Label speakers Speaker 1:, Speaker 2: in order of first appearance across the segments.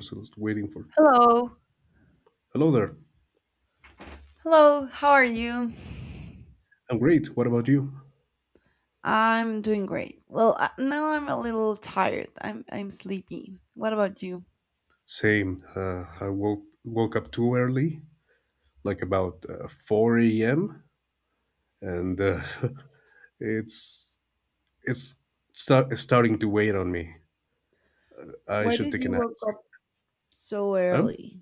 Speaker 1: Just waiting for.
Speaker 2: Hello.
Speaker 1: Hello there.
Speaker 2: Hello. How are you?
Speaker 1: I'm great. What about you?
Speaker 2: I'm doing great. Well, I, now I'm a little tired. I'm sleepy. What about you?
Speaker 1: Same. I woke up too early, like about 4 a.m., and it's it's it's starting to weigh on me. I
Speaker 2: Why
Speaker 1: should
Speaker 2: did
Speaker 1: take a
Speaker 2: you
Speaker 1: nap.
Speaker 2: wake up so
Speaker 1: Um,
Speaker 2: early?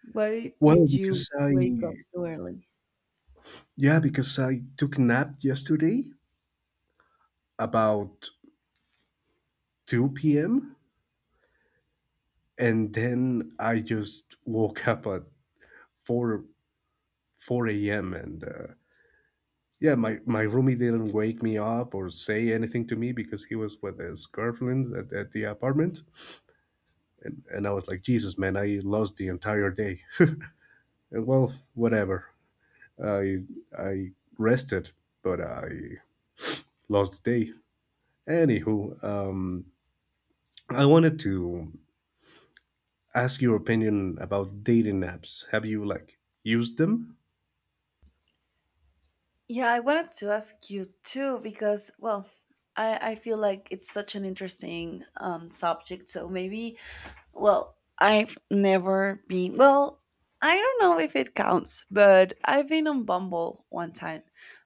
Speaker 2: Why
Speaker 1: well,
Speaker 2: did you wake up so early?
Speaker 1: because I took a nap yesterday about 2 p.m. and then I just woke up at 4 4 a.m. and yeah, my roomie didn't wake me up or say anything to me because he was with his girlfriend at the apartment. And I was like, "Jesus, man, I lost the entire day." And well, whatever. I, I rested, but I lost the day. Anywho, I wanted to ask your opinion about dating apps. Have you like used them?
Speaker 2: Yeah, I wanted to ask you too because, well, I feel like it's such an interesting subject. So maybe well, I've never been. Well, I don't know if it counts, but I've been on Bumble one time.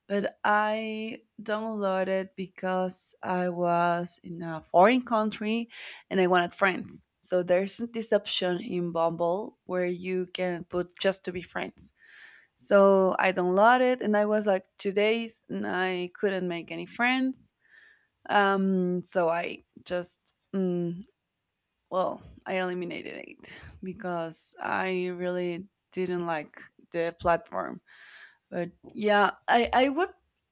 Speaker 2: But I downloaded because I was in a foreign country and I wanted friends. So there's this option in Bumble where you can put just to be friends. So I downloaded and I was like 2 days and I couldn't make any friends. Um, so I just mm, well, I eliminated it because I really didn't like the platform. But yeah, I, I would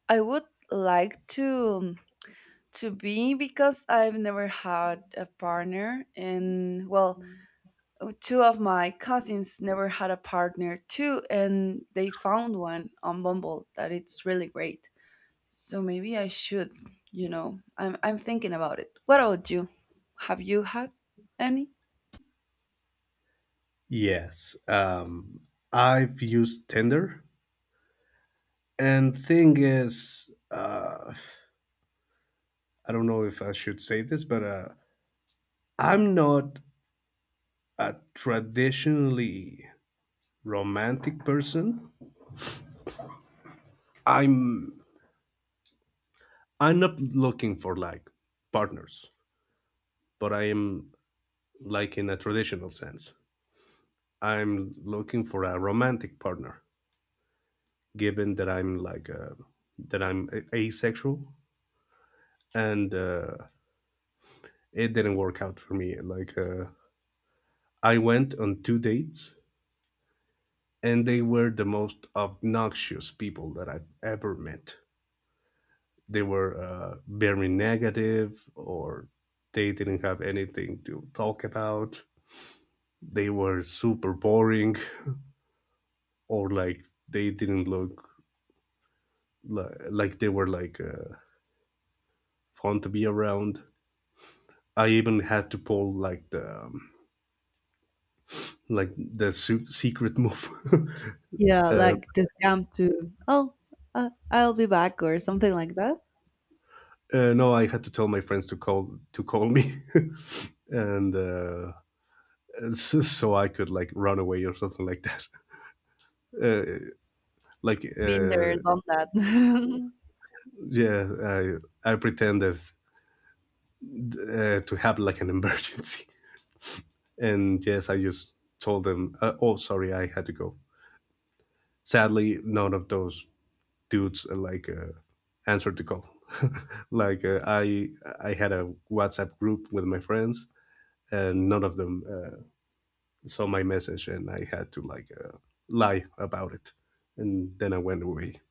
Speaker 2: I would like to be because I've never had a partner and well, two of my cousins never had a partner too and they found one on Bumble that it's really great. So maybe I should, you know. I'm thinking about it. What about you? Have you had any?
Speaker 1: Yes. I've used Tinder. And thing is, I don't know if I should say this, but I'm not a traditionally romantic person. I'm I'm not looking for like partners, but I am like in a traditional sense. I'm looking for a romantic partner, given that I'm like that asexual, and it didn't work out for me. Like, I went on two dates, and they were the most obnoxious people that I've ever met. They were very negative, or they didn't have anything to talk about. They were super boring, or like they didn't look like they were like fun to be around. I even had to pull like the secret move.
Speaker 2: Yeah,
Speaker 1: uh,
Speaker 2: like the scam to, oh, I'll be back or something like that.
Speaker 1: no, I had to tell my friends to call me, and so I could like run away or something like that. Uh, like
Speaker 2: Been there, done that.
Speaker 1: yeah, I pretended to have like an emergency. And yes, I just told them, "Oh, sorry, I had to go." Sadly, none of those dudes like answered the call. like I had a WhatsApp group with my friends, and none of them saw my message, and I had to like lie about it. And then I went away.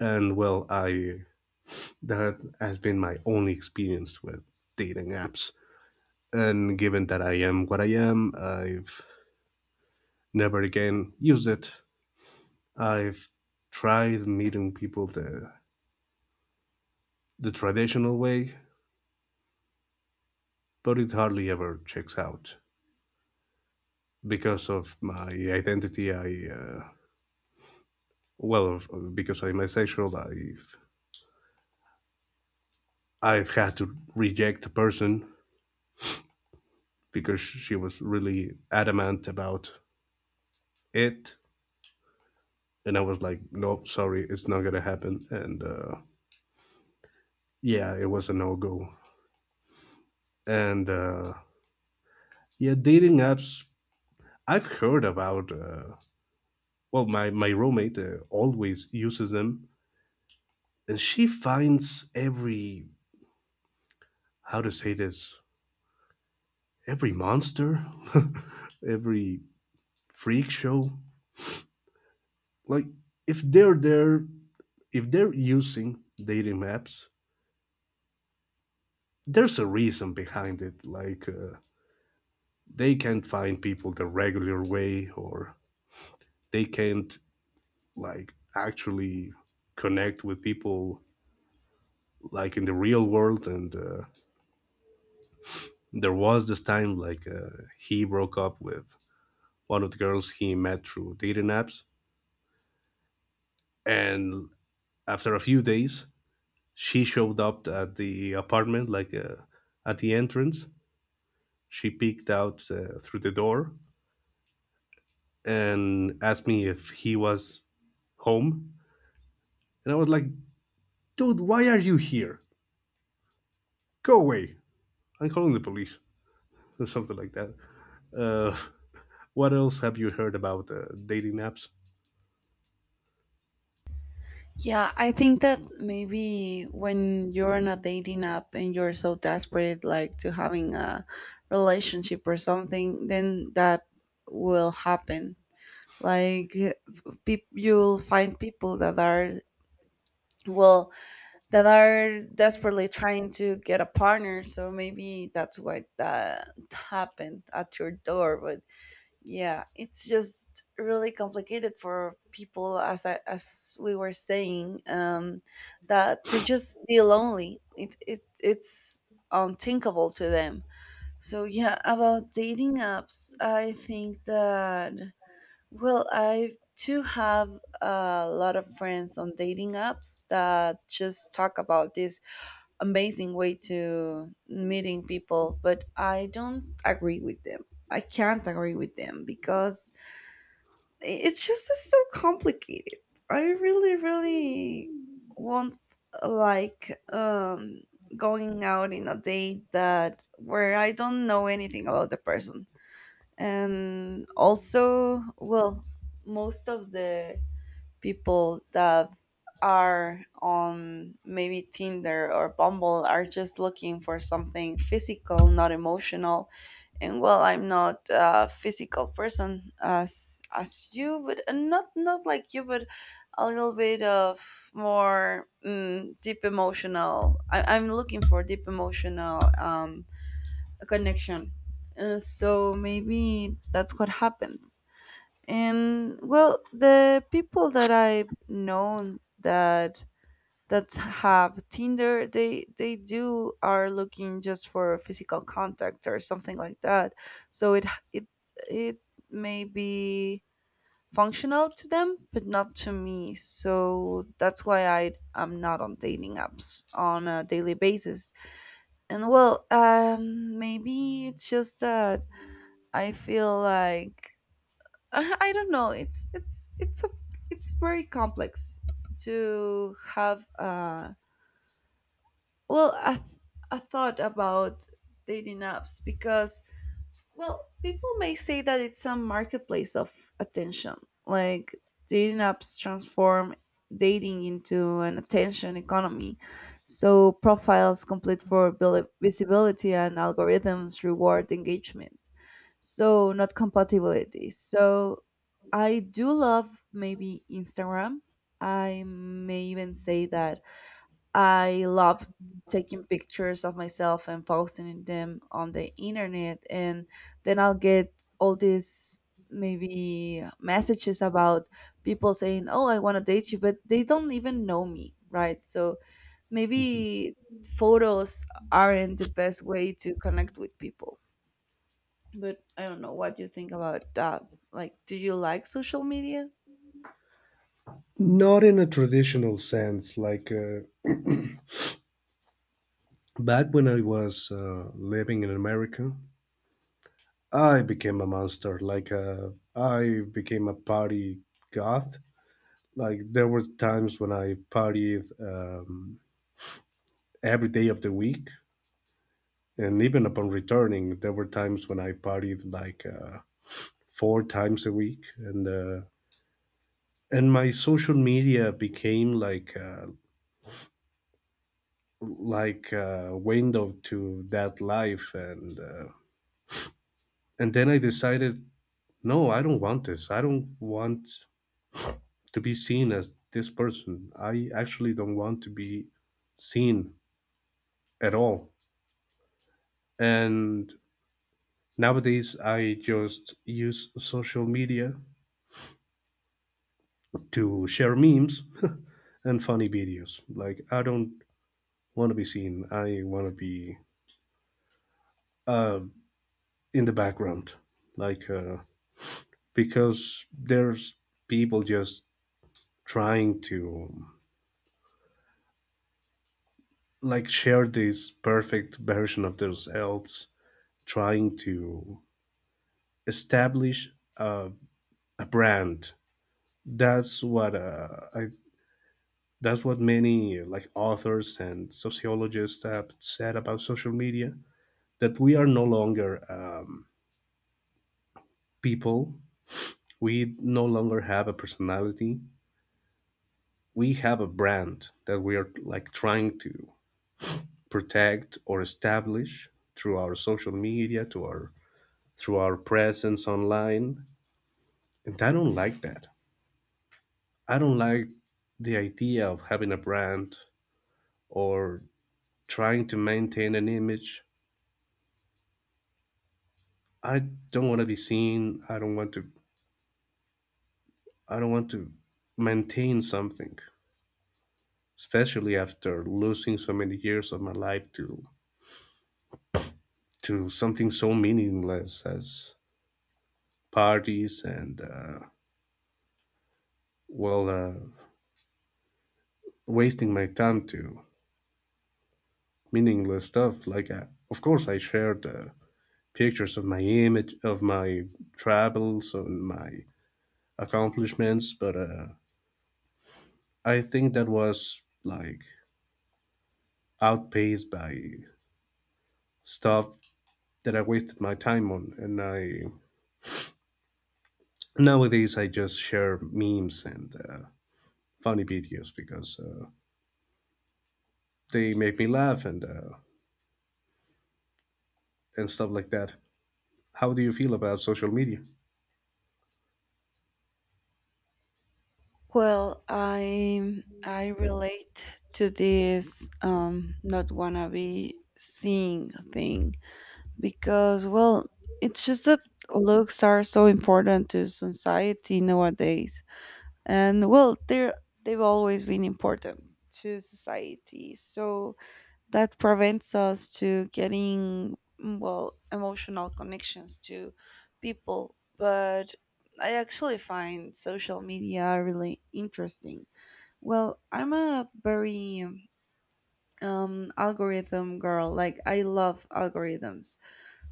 Speaker 1: And well, I that has been my only experience with dating apps. And given that I am what I am, I've never again used it. I've tried meeting people the traditional way, but it hardly ever checks out because of my identity. Because I'm asexual, I've had to reject a person because she was really adamant about it, and I was like, "No, sorry, it's not gonna happen." And yeah, it was a no go. And yeah, dating apps. I've heard about. Well, my roommate always uses them, and she finds every, how to say this, every monster, every freak show. Like if they're there, if they're using dating apps, there's a reason behind it. Like, they can't find people the regular way, or they can't like actually connect with people like in the real world. And there was this time, like, he broke up with one of the girls he met through dating apps, and after a few days, she showed up at the apartment like, at the entrance. She peeked out through the door and asked me if he was home, and I was like, "Dude, why are you here? Go away! I'm calling the police." Or something like that. Uh, what else have you heard about dating apps?
Speaker 2: Yeah, I think that maybe when you're on a dating app and you're so desperate like to having a relationship or something, then that will happen. Like peop you'll find people that are well that are desperately trying to get a partner, so maybe that's why that happened at your door. Yeah, it's just really complicated for people as as we were saying, that to just be lonely it's unthinkable to them. So yeah, about dating apps, I think that well, I too have a lot of friends on dating apps that just talk about this amazing way to meeting people, but I don't agree with them. I can't agree with them because it's just so complicated. I really, really want like going out in a date that where I don't know anything about the person. And also well, most of the people that are on maybe Tinder or Bumble are just looking for something physical, not emotional. And well, I'm not a physical person as you, but not like you, but a little bit of more deep emotional. I'm looking for deep emotional connection. So maybe that's what happens. And well, the people that I've known that have Tinder, they do are looking just for physical contact or something like that. So it it may be functional to them, but not to me. So that's why I am not on dating apps on a daily basis. And well, maybe it's just that I feel like I don't know. It's a it's very complex to have well a, a thought about dating apps because well, people may say that it's a marketplace of attention. Like dating apps transform dating into an attention economy. So profiles complete for visibility, and algorithms reward engagement. So not compatibility. So I do love maybe Instagram. I may even say that I love taking pictures of myself and posting them on the internet, and then I'll get all these maybe messages about people saying, "Oh, I want to date you," but they don't even know me, right? So maybe photos aren't the best way to connect with people. But I don't know what you think about that. Like, do you like social media?
Speaker 1: Not in a traditional sense, like, back when I was living in America, I became a monster. Like, I became a party goth. Like, there were times when I partied every day of the week, and even upon returning, there were times when I partied like, 4 times a week, and my social media became like a window to that life. And and then I decided, "No, I don't want this. I don't want to be seen as this person." I actually don't want to be seen at all. And nowadays, I just use social media to share memes and funny videos. Like, I don't want to be seen. I want to be uh, in the background. Like, because there's people just trying to like share this perfect version of themselves, trying to establish a a brand. That's what I. That's what many like authors and sociologists have said about social media. That we are no longer people. We no longer have a personality. We have a brand that we are like trying to protect or establish through our social media, to our through our presence online. And I don't like that. I don't like the idea of having a brand or trying to maintain an image. I don't want to be seen. I don't want to. I don't want to maintain something, especially after losing so many years of my life to something so meaningless as parties, and well, wasting my time to meaningless stuff. Like, of course, I shared pictures of my image, of my travels and my accomplishments, but I think that was like outpaced by stuff that I wasted my time on. And I nowadays I just share memes and funny videos because they make me laugh, and stuff like that. How do you feel about social media?
Speaker 2: Well, I relate to this not wanna be seeing thing because well, it's just that looks are so important to society nowadays. And well, they've always been important to society. So that prevents us to getting well, emotional connections to people. But I actually find social media really interesting. Well, I'm a very algorithm girl. Like, I love algorithms.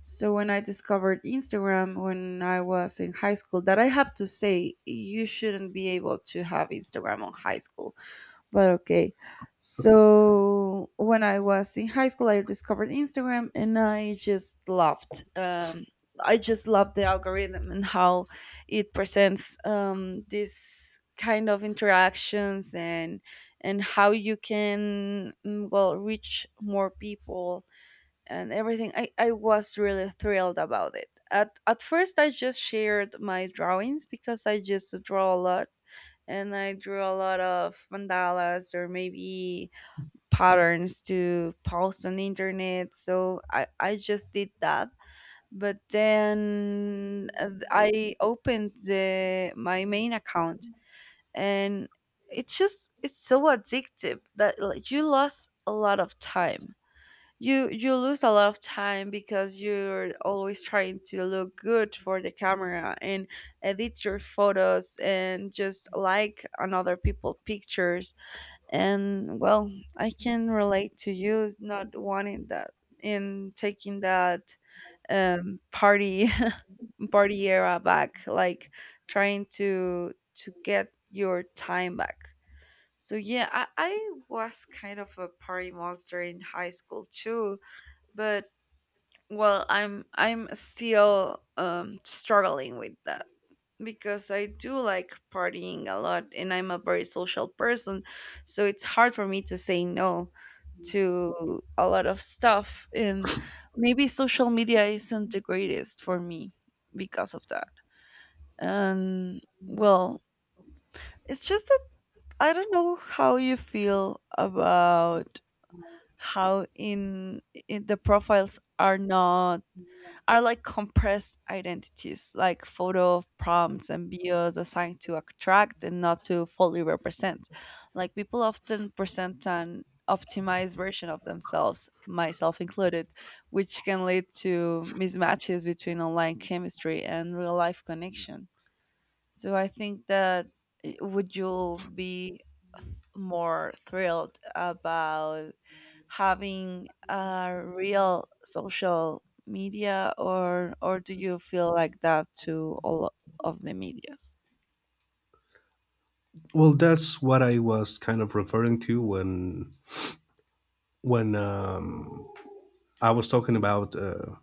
Speaker 2: So, when I discovered Instagram when I was in high school, that I have to say, you shouldn't be able to have Instagram on high school, but okay. So when I was in high school, I discovered Instagram and I just loved. I just loved the algorithm and how it presents this kind of interactions and how you can well reach more people and everything. I was really thrilled about it. At first, I just shared my drawings because I just draw a lot and I drew a lot of mandalas or maybe patterns to post on the internet. So I just did that. But then I opened the my main account and it's just it's so addictive that like, you lost a lot of time. You lose a lot of time because you're always trying to look good for the camera and edit your photos and just like another people pictures. And well, I can relate to you not wanting that, in taking that party party era back, like trying to get your time back. So yeah, I was kind of a party monster in high school too. But well, I'm still struggling with that because I do like partying a lot and I'm a very social person, so it's hard for me to say no to a lot of stuff. And maybe social media isn't the greatest for me because of that. And well, it's just that I don't know how you feel about how in the profiles are not are like compressed identities, like photo prompts and bios assigned to attract and not to fully represent. Like people often present an optimized version of themselves, myself included, which can lead to mismatches between online chemistry and real life connection. So I think that eh, would you be more thrilled about having a real social media, or do you feel like that to all of the medias?
Speaker 1: Well, that's what I was kind of referring to when I was talking about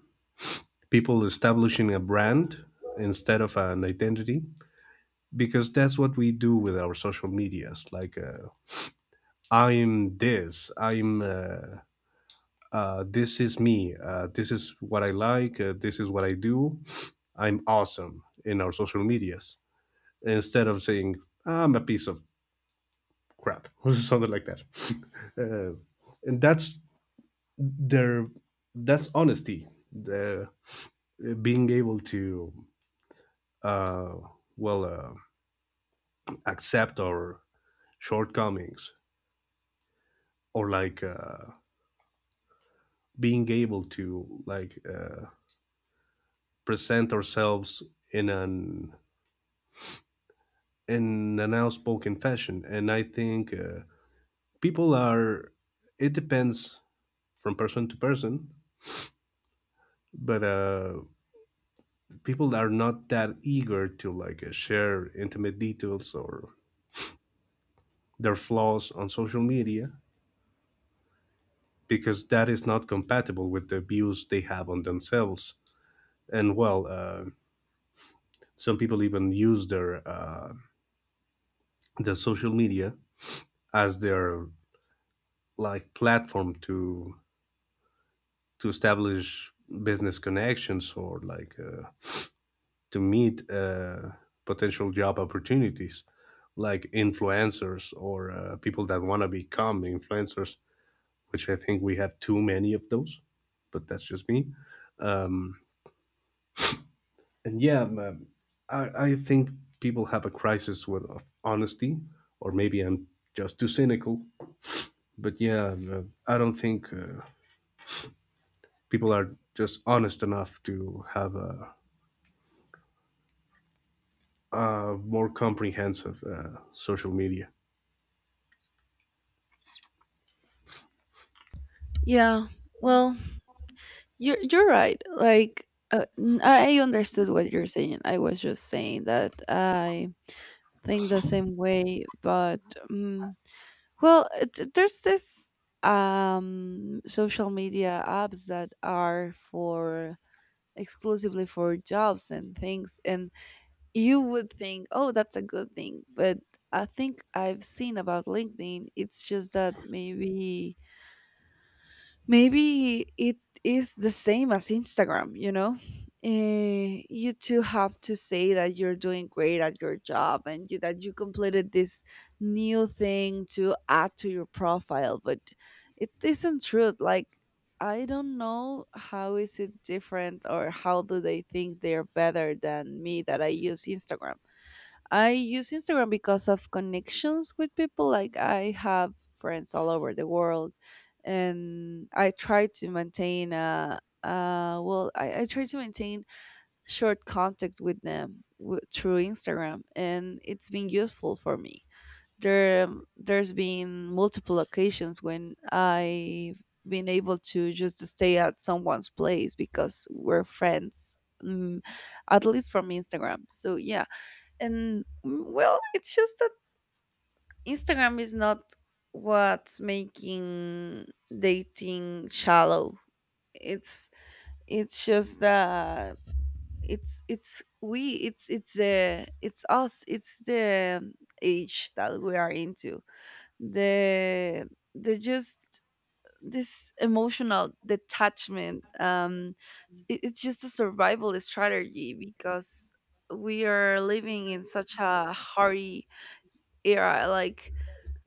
Speaker 1: people establishing a brand instead of an identity, because that's what we do with our social medias. Like, I'm this. I'm. This is me. This is what I like. This is what I do. I'm awesome in our social medias, instead of saying I'm a piece of crap or something like that. uh, and that's their That's honesty. The Being able to uh, well, accept our shortcomings, or like being able to like. Present ourselves in an outspoken fashion. And I think, people are it depends from person to person. But people are not that eager to like, share intimate details or their flaws on social media, because that is not compatible with the views they have on themselves. And well, some people even use their social media as their like platform to establish business connections, or like to meet potential job opportunities, like influencers, or people that want to become influencers, which I think we have too many of those, but that's just me. Um, and yeah I think people have a crisis with of honesty, or maybe I'm just too cynical. But yeah, I don't think people are just honest enough to have a more comprehensive social media.
Speaker 2: Yeah, well, you're right. Like I understood what you're saying. I was just saying that I think the same way. But um, well there's this social media apps that are for exclusively for jobs and things. And you would think, oh, that's a good thing, but I think I've seen about LinkedIn, it's just that maybe it is the same as Instagram, you know? Eh, you too have to say that you're doing great at your job and you, that you completed this new thing to add to your profile, but it isn't true. Like, I don't know how is it different or how do they think they're better than me that I use Instagram. I use Instagram because of connections with people. Like I have friends all over the world, and I try to maintain I try to maintain short contact with them through Instagram, and it's been useful for me. There's been multiple occasions when I've been able to just stay at someone's place because we're friends, at least from Instagram. So yeah, and well, it's just that Instagram is not what's making dating shallow. it's it's just that it's we it's the it's us. It's the age that we are into. the the just this emotional detachment. It's just a survival strategy because we are living in such a hurry era, like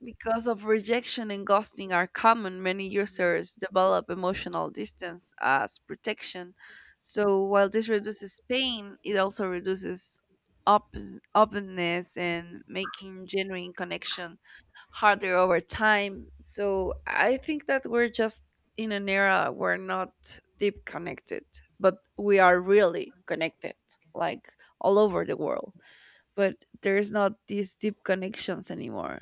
Speaker 2: because of rejection and ghosting are common, many users develop emotional distance as protection. So while this reduces pain, it also reduces op- openness and making genuine connection harder over time. So I think that we're just in an era we're not deep connected, but we are really connected, like all over the world, but there's not these deep connections anymore.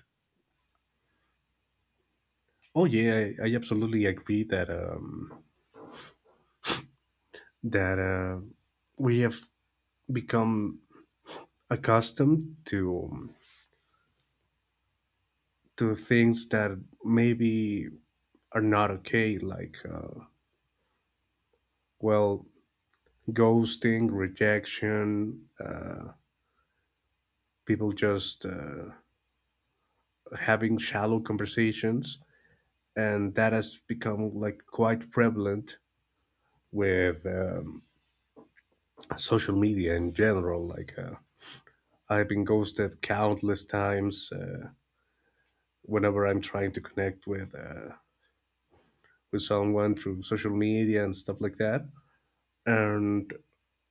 Speaker 1: Oh yeah, I absolutely agree that we have become accustomed to things that maybe are not okay, like, well, ghosting, rejection, people just having shallow conversations, and that has become like quite prevalent with social media in general. Like, I've been ghosted countless times whenever I'm trying to connect with someone through social media and stuff like that. And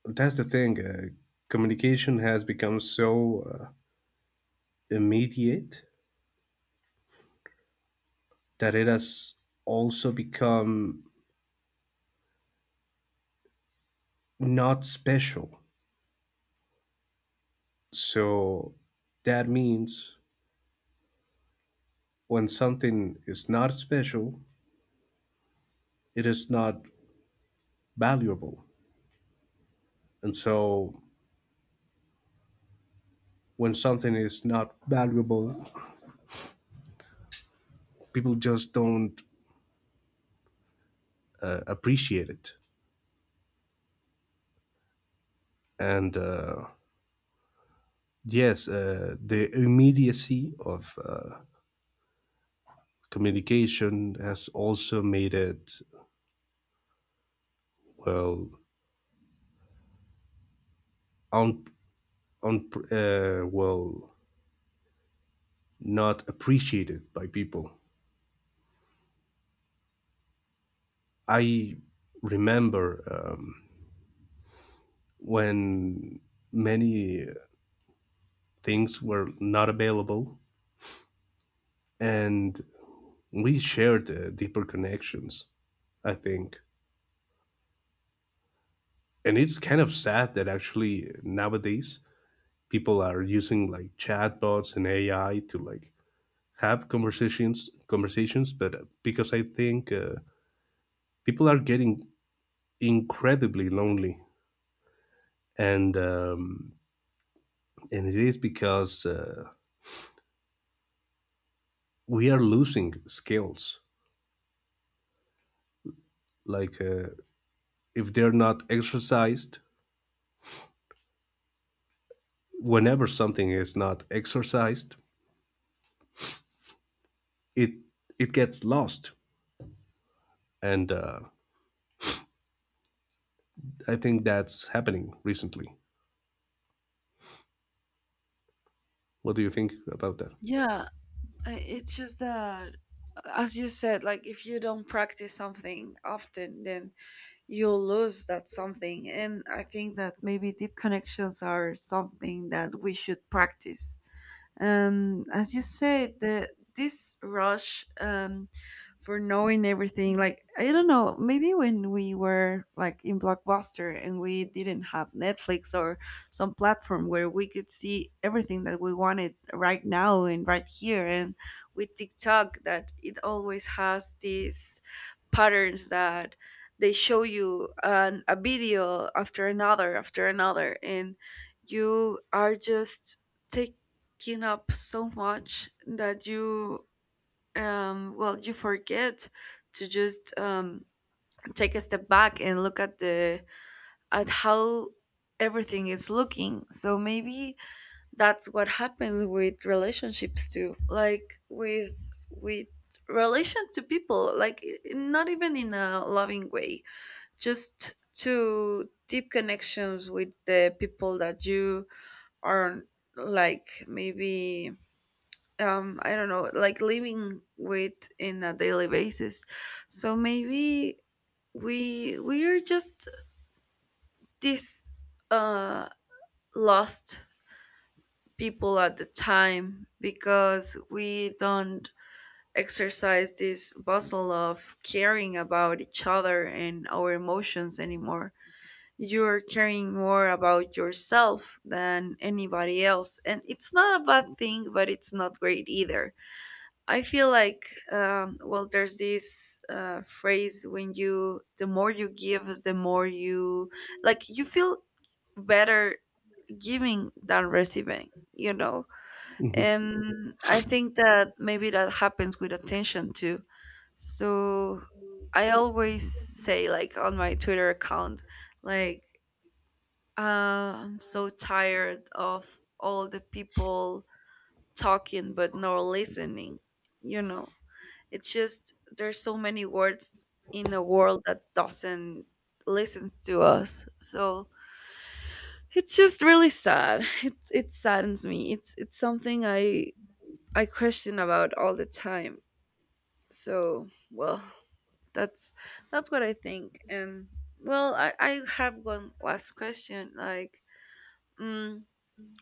Speaker 1: that's the thing. Communication has become so uh, immediate that it has also become not special. So that means when something is not special, it is not valuable. And so when something is not valuable, people just don't appreciate it. And yes, the immediacy of communication has also made it well un, un well, not appreciated by people. I remember when many things were not available and we shared deeper connections. I think And it's kind of sad that actually nowadays people are using like chatbots and AI to like have conversations, but because I think people are getting incredibly lonely. And and it is because we are losing skills, like, if they're not exercised. Whenever something is not exercised, it it gets lost. And I think that's happening recently. What do you think about that?
Speaker 2: Yeah, it's just that, as you said, like if you don't practice something often, then you'll lose that something. And I think that maybe deep connections are something that we should practice. And as you say, the this rush for knowing everything, like I don't know, maybe when we were like in Blockbuster and we didn't have Netflix or some platform where we could see everything that we wanted right now and right here, and with TikTok that it always has this patterns that they show you a video after another and you are just taking up so much that you you forget to just take a step back and look at the at how everything is looking. So maybe that's what happens with relationships too, like with with relation to people, like not even in a loving way, just to deep connections with the people that you are, like maybe I don't know, like living with in a daily basis. So maybe we are just this uh lost people at the time because we don't exercise this bustle of caring about each other and our emotions anymore. You're caring more about yourself than anybody else. And it's not a bad thing, but it's not great either. I feel like, well, there's this phrase when you, the more you give, the more you, like, you feel better giving than receiving, you know.
Speaker 1: Hmm.
Speaker 2: And I think that maybe that happens with attention too. So I always say like on my Twitter account, like uh, I'm so tired of all the people talking but not listening, you know. It's just there's so many words in a world that doesn't listens to us. So it's just really sad. It saddens me. It's something I question about all the time. So, well, that's that's what I think. And well, I have one last question. Like, mm,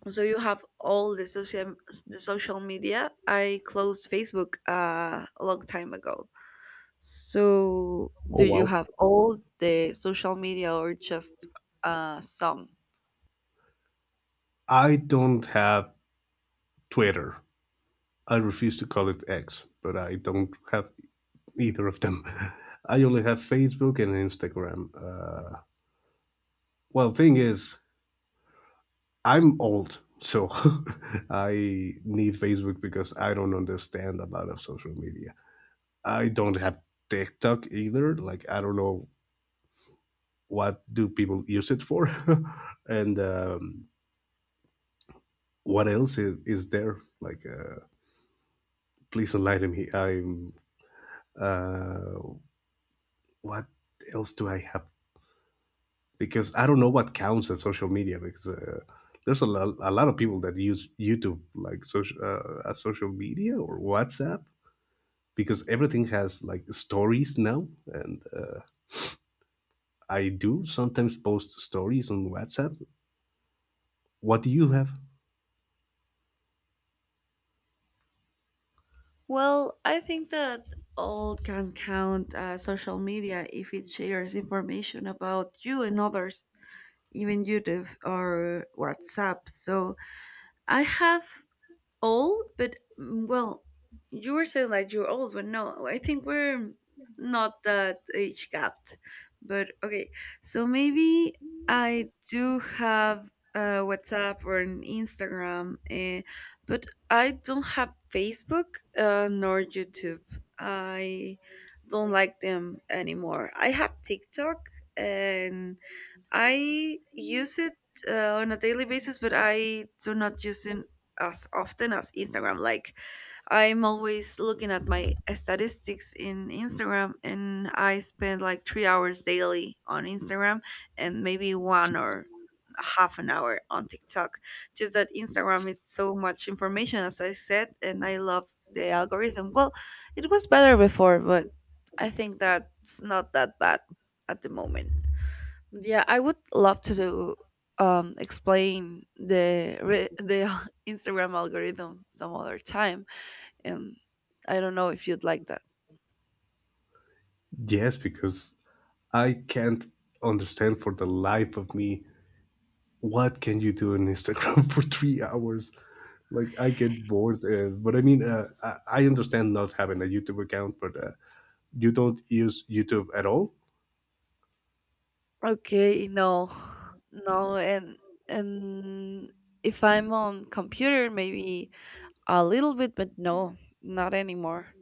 Speaker 2: so you have all the social media. I closed Facebook a long time ago. So,
Speaker 1: Oh,
Speaker 2: do you
Speaker 1: wow.
Speaker 2: have all the social media or just some?
Speaker 1: I don't have Twitter. I refuse to call it X, but I don't have either of them. I only have Facebook and Instagram. Well, thing is, I'm old, so I need Facebook because I don't understand a lot of social media. I don't have TikTok either. Like, I don't know, what do people use it for, and what else is there? Like, please enlighten me. I'm. Uh, what else do I have? Because I don't know what counts as social media. Because there's a lot of people that use YouTube like social as social media, or WhatsApp, because everything has like stories now, and I do sometimes post stories on WhatsApp. What do you have?
Speaker 2: Well, I think that all can count social media if it shares information about you and others, even YouTube or WhatsApp. So I have old, but well, you were saying that you're old, but no, I think we're not that age gapped. But okay, so maybe I do have WhatsApp or an Instagram, eh, but I don't have Facebook nor YouTube. I don't like them anymore. I have TikTok and I use it on a daily basis, but I do not use it as often as Instagram. Like I'm always looking at my statistics in Instagram, and I spend like 3 hours daily on Instagram, and maybe one or half an hour on TikTok. Just that Instagram is so much information, as I said, and I love the algorithm. Well, it was better before, but I think that's not that bad at the moment. Yeah, I would love to do, explain the the Instagram algorithm some other time, and I don't know if you'd like that.
Speaker 1: Yes, because I can't understand for the life of me what can you do on Instagram for 3 hours. Like, I get bored, but I mean, I understand not having a YouTube account, but you don't use YouTube at all?
Speaker 2: Okay, no, no, and and if I'm on computer, maybe a little bit, but no, not anymore.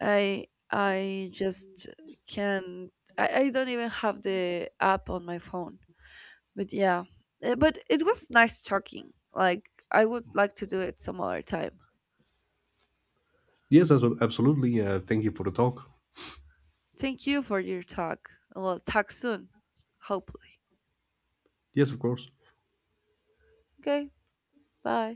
Speaker 2: I just can't. I don't even have the app on my phone. But yeah, but it was nice talking. Like, I would like to do it some other time.
Speaker 1: Yes, absolutely. Thank you for the talk.
Speaker 2: Thank you for your talk. Well, talk soon, hopefully.
Speaker 1: Yes, of course.
Speaker 2: Okay, bye.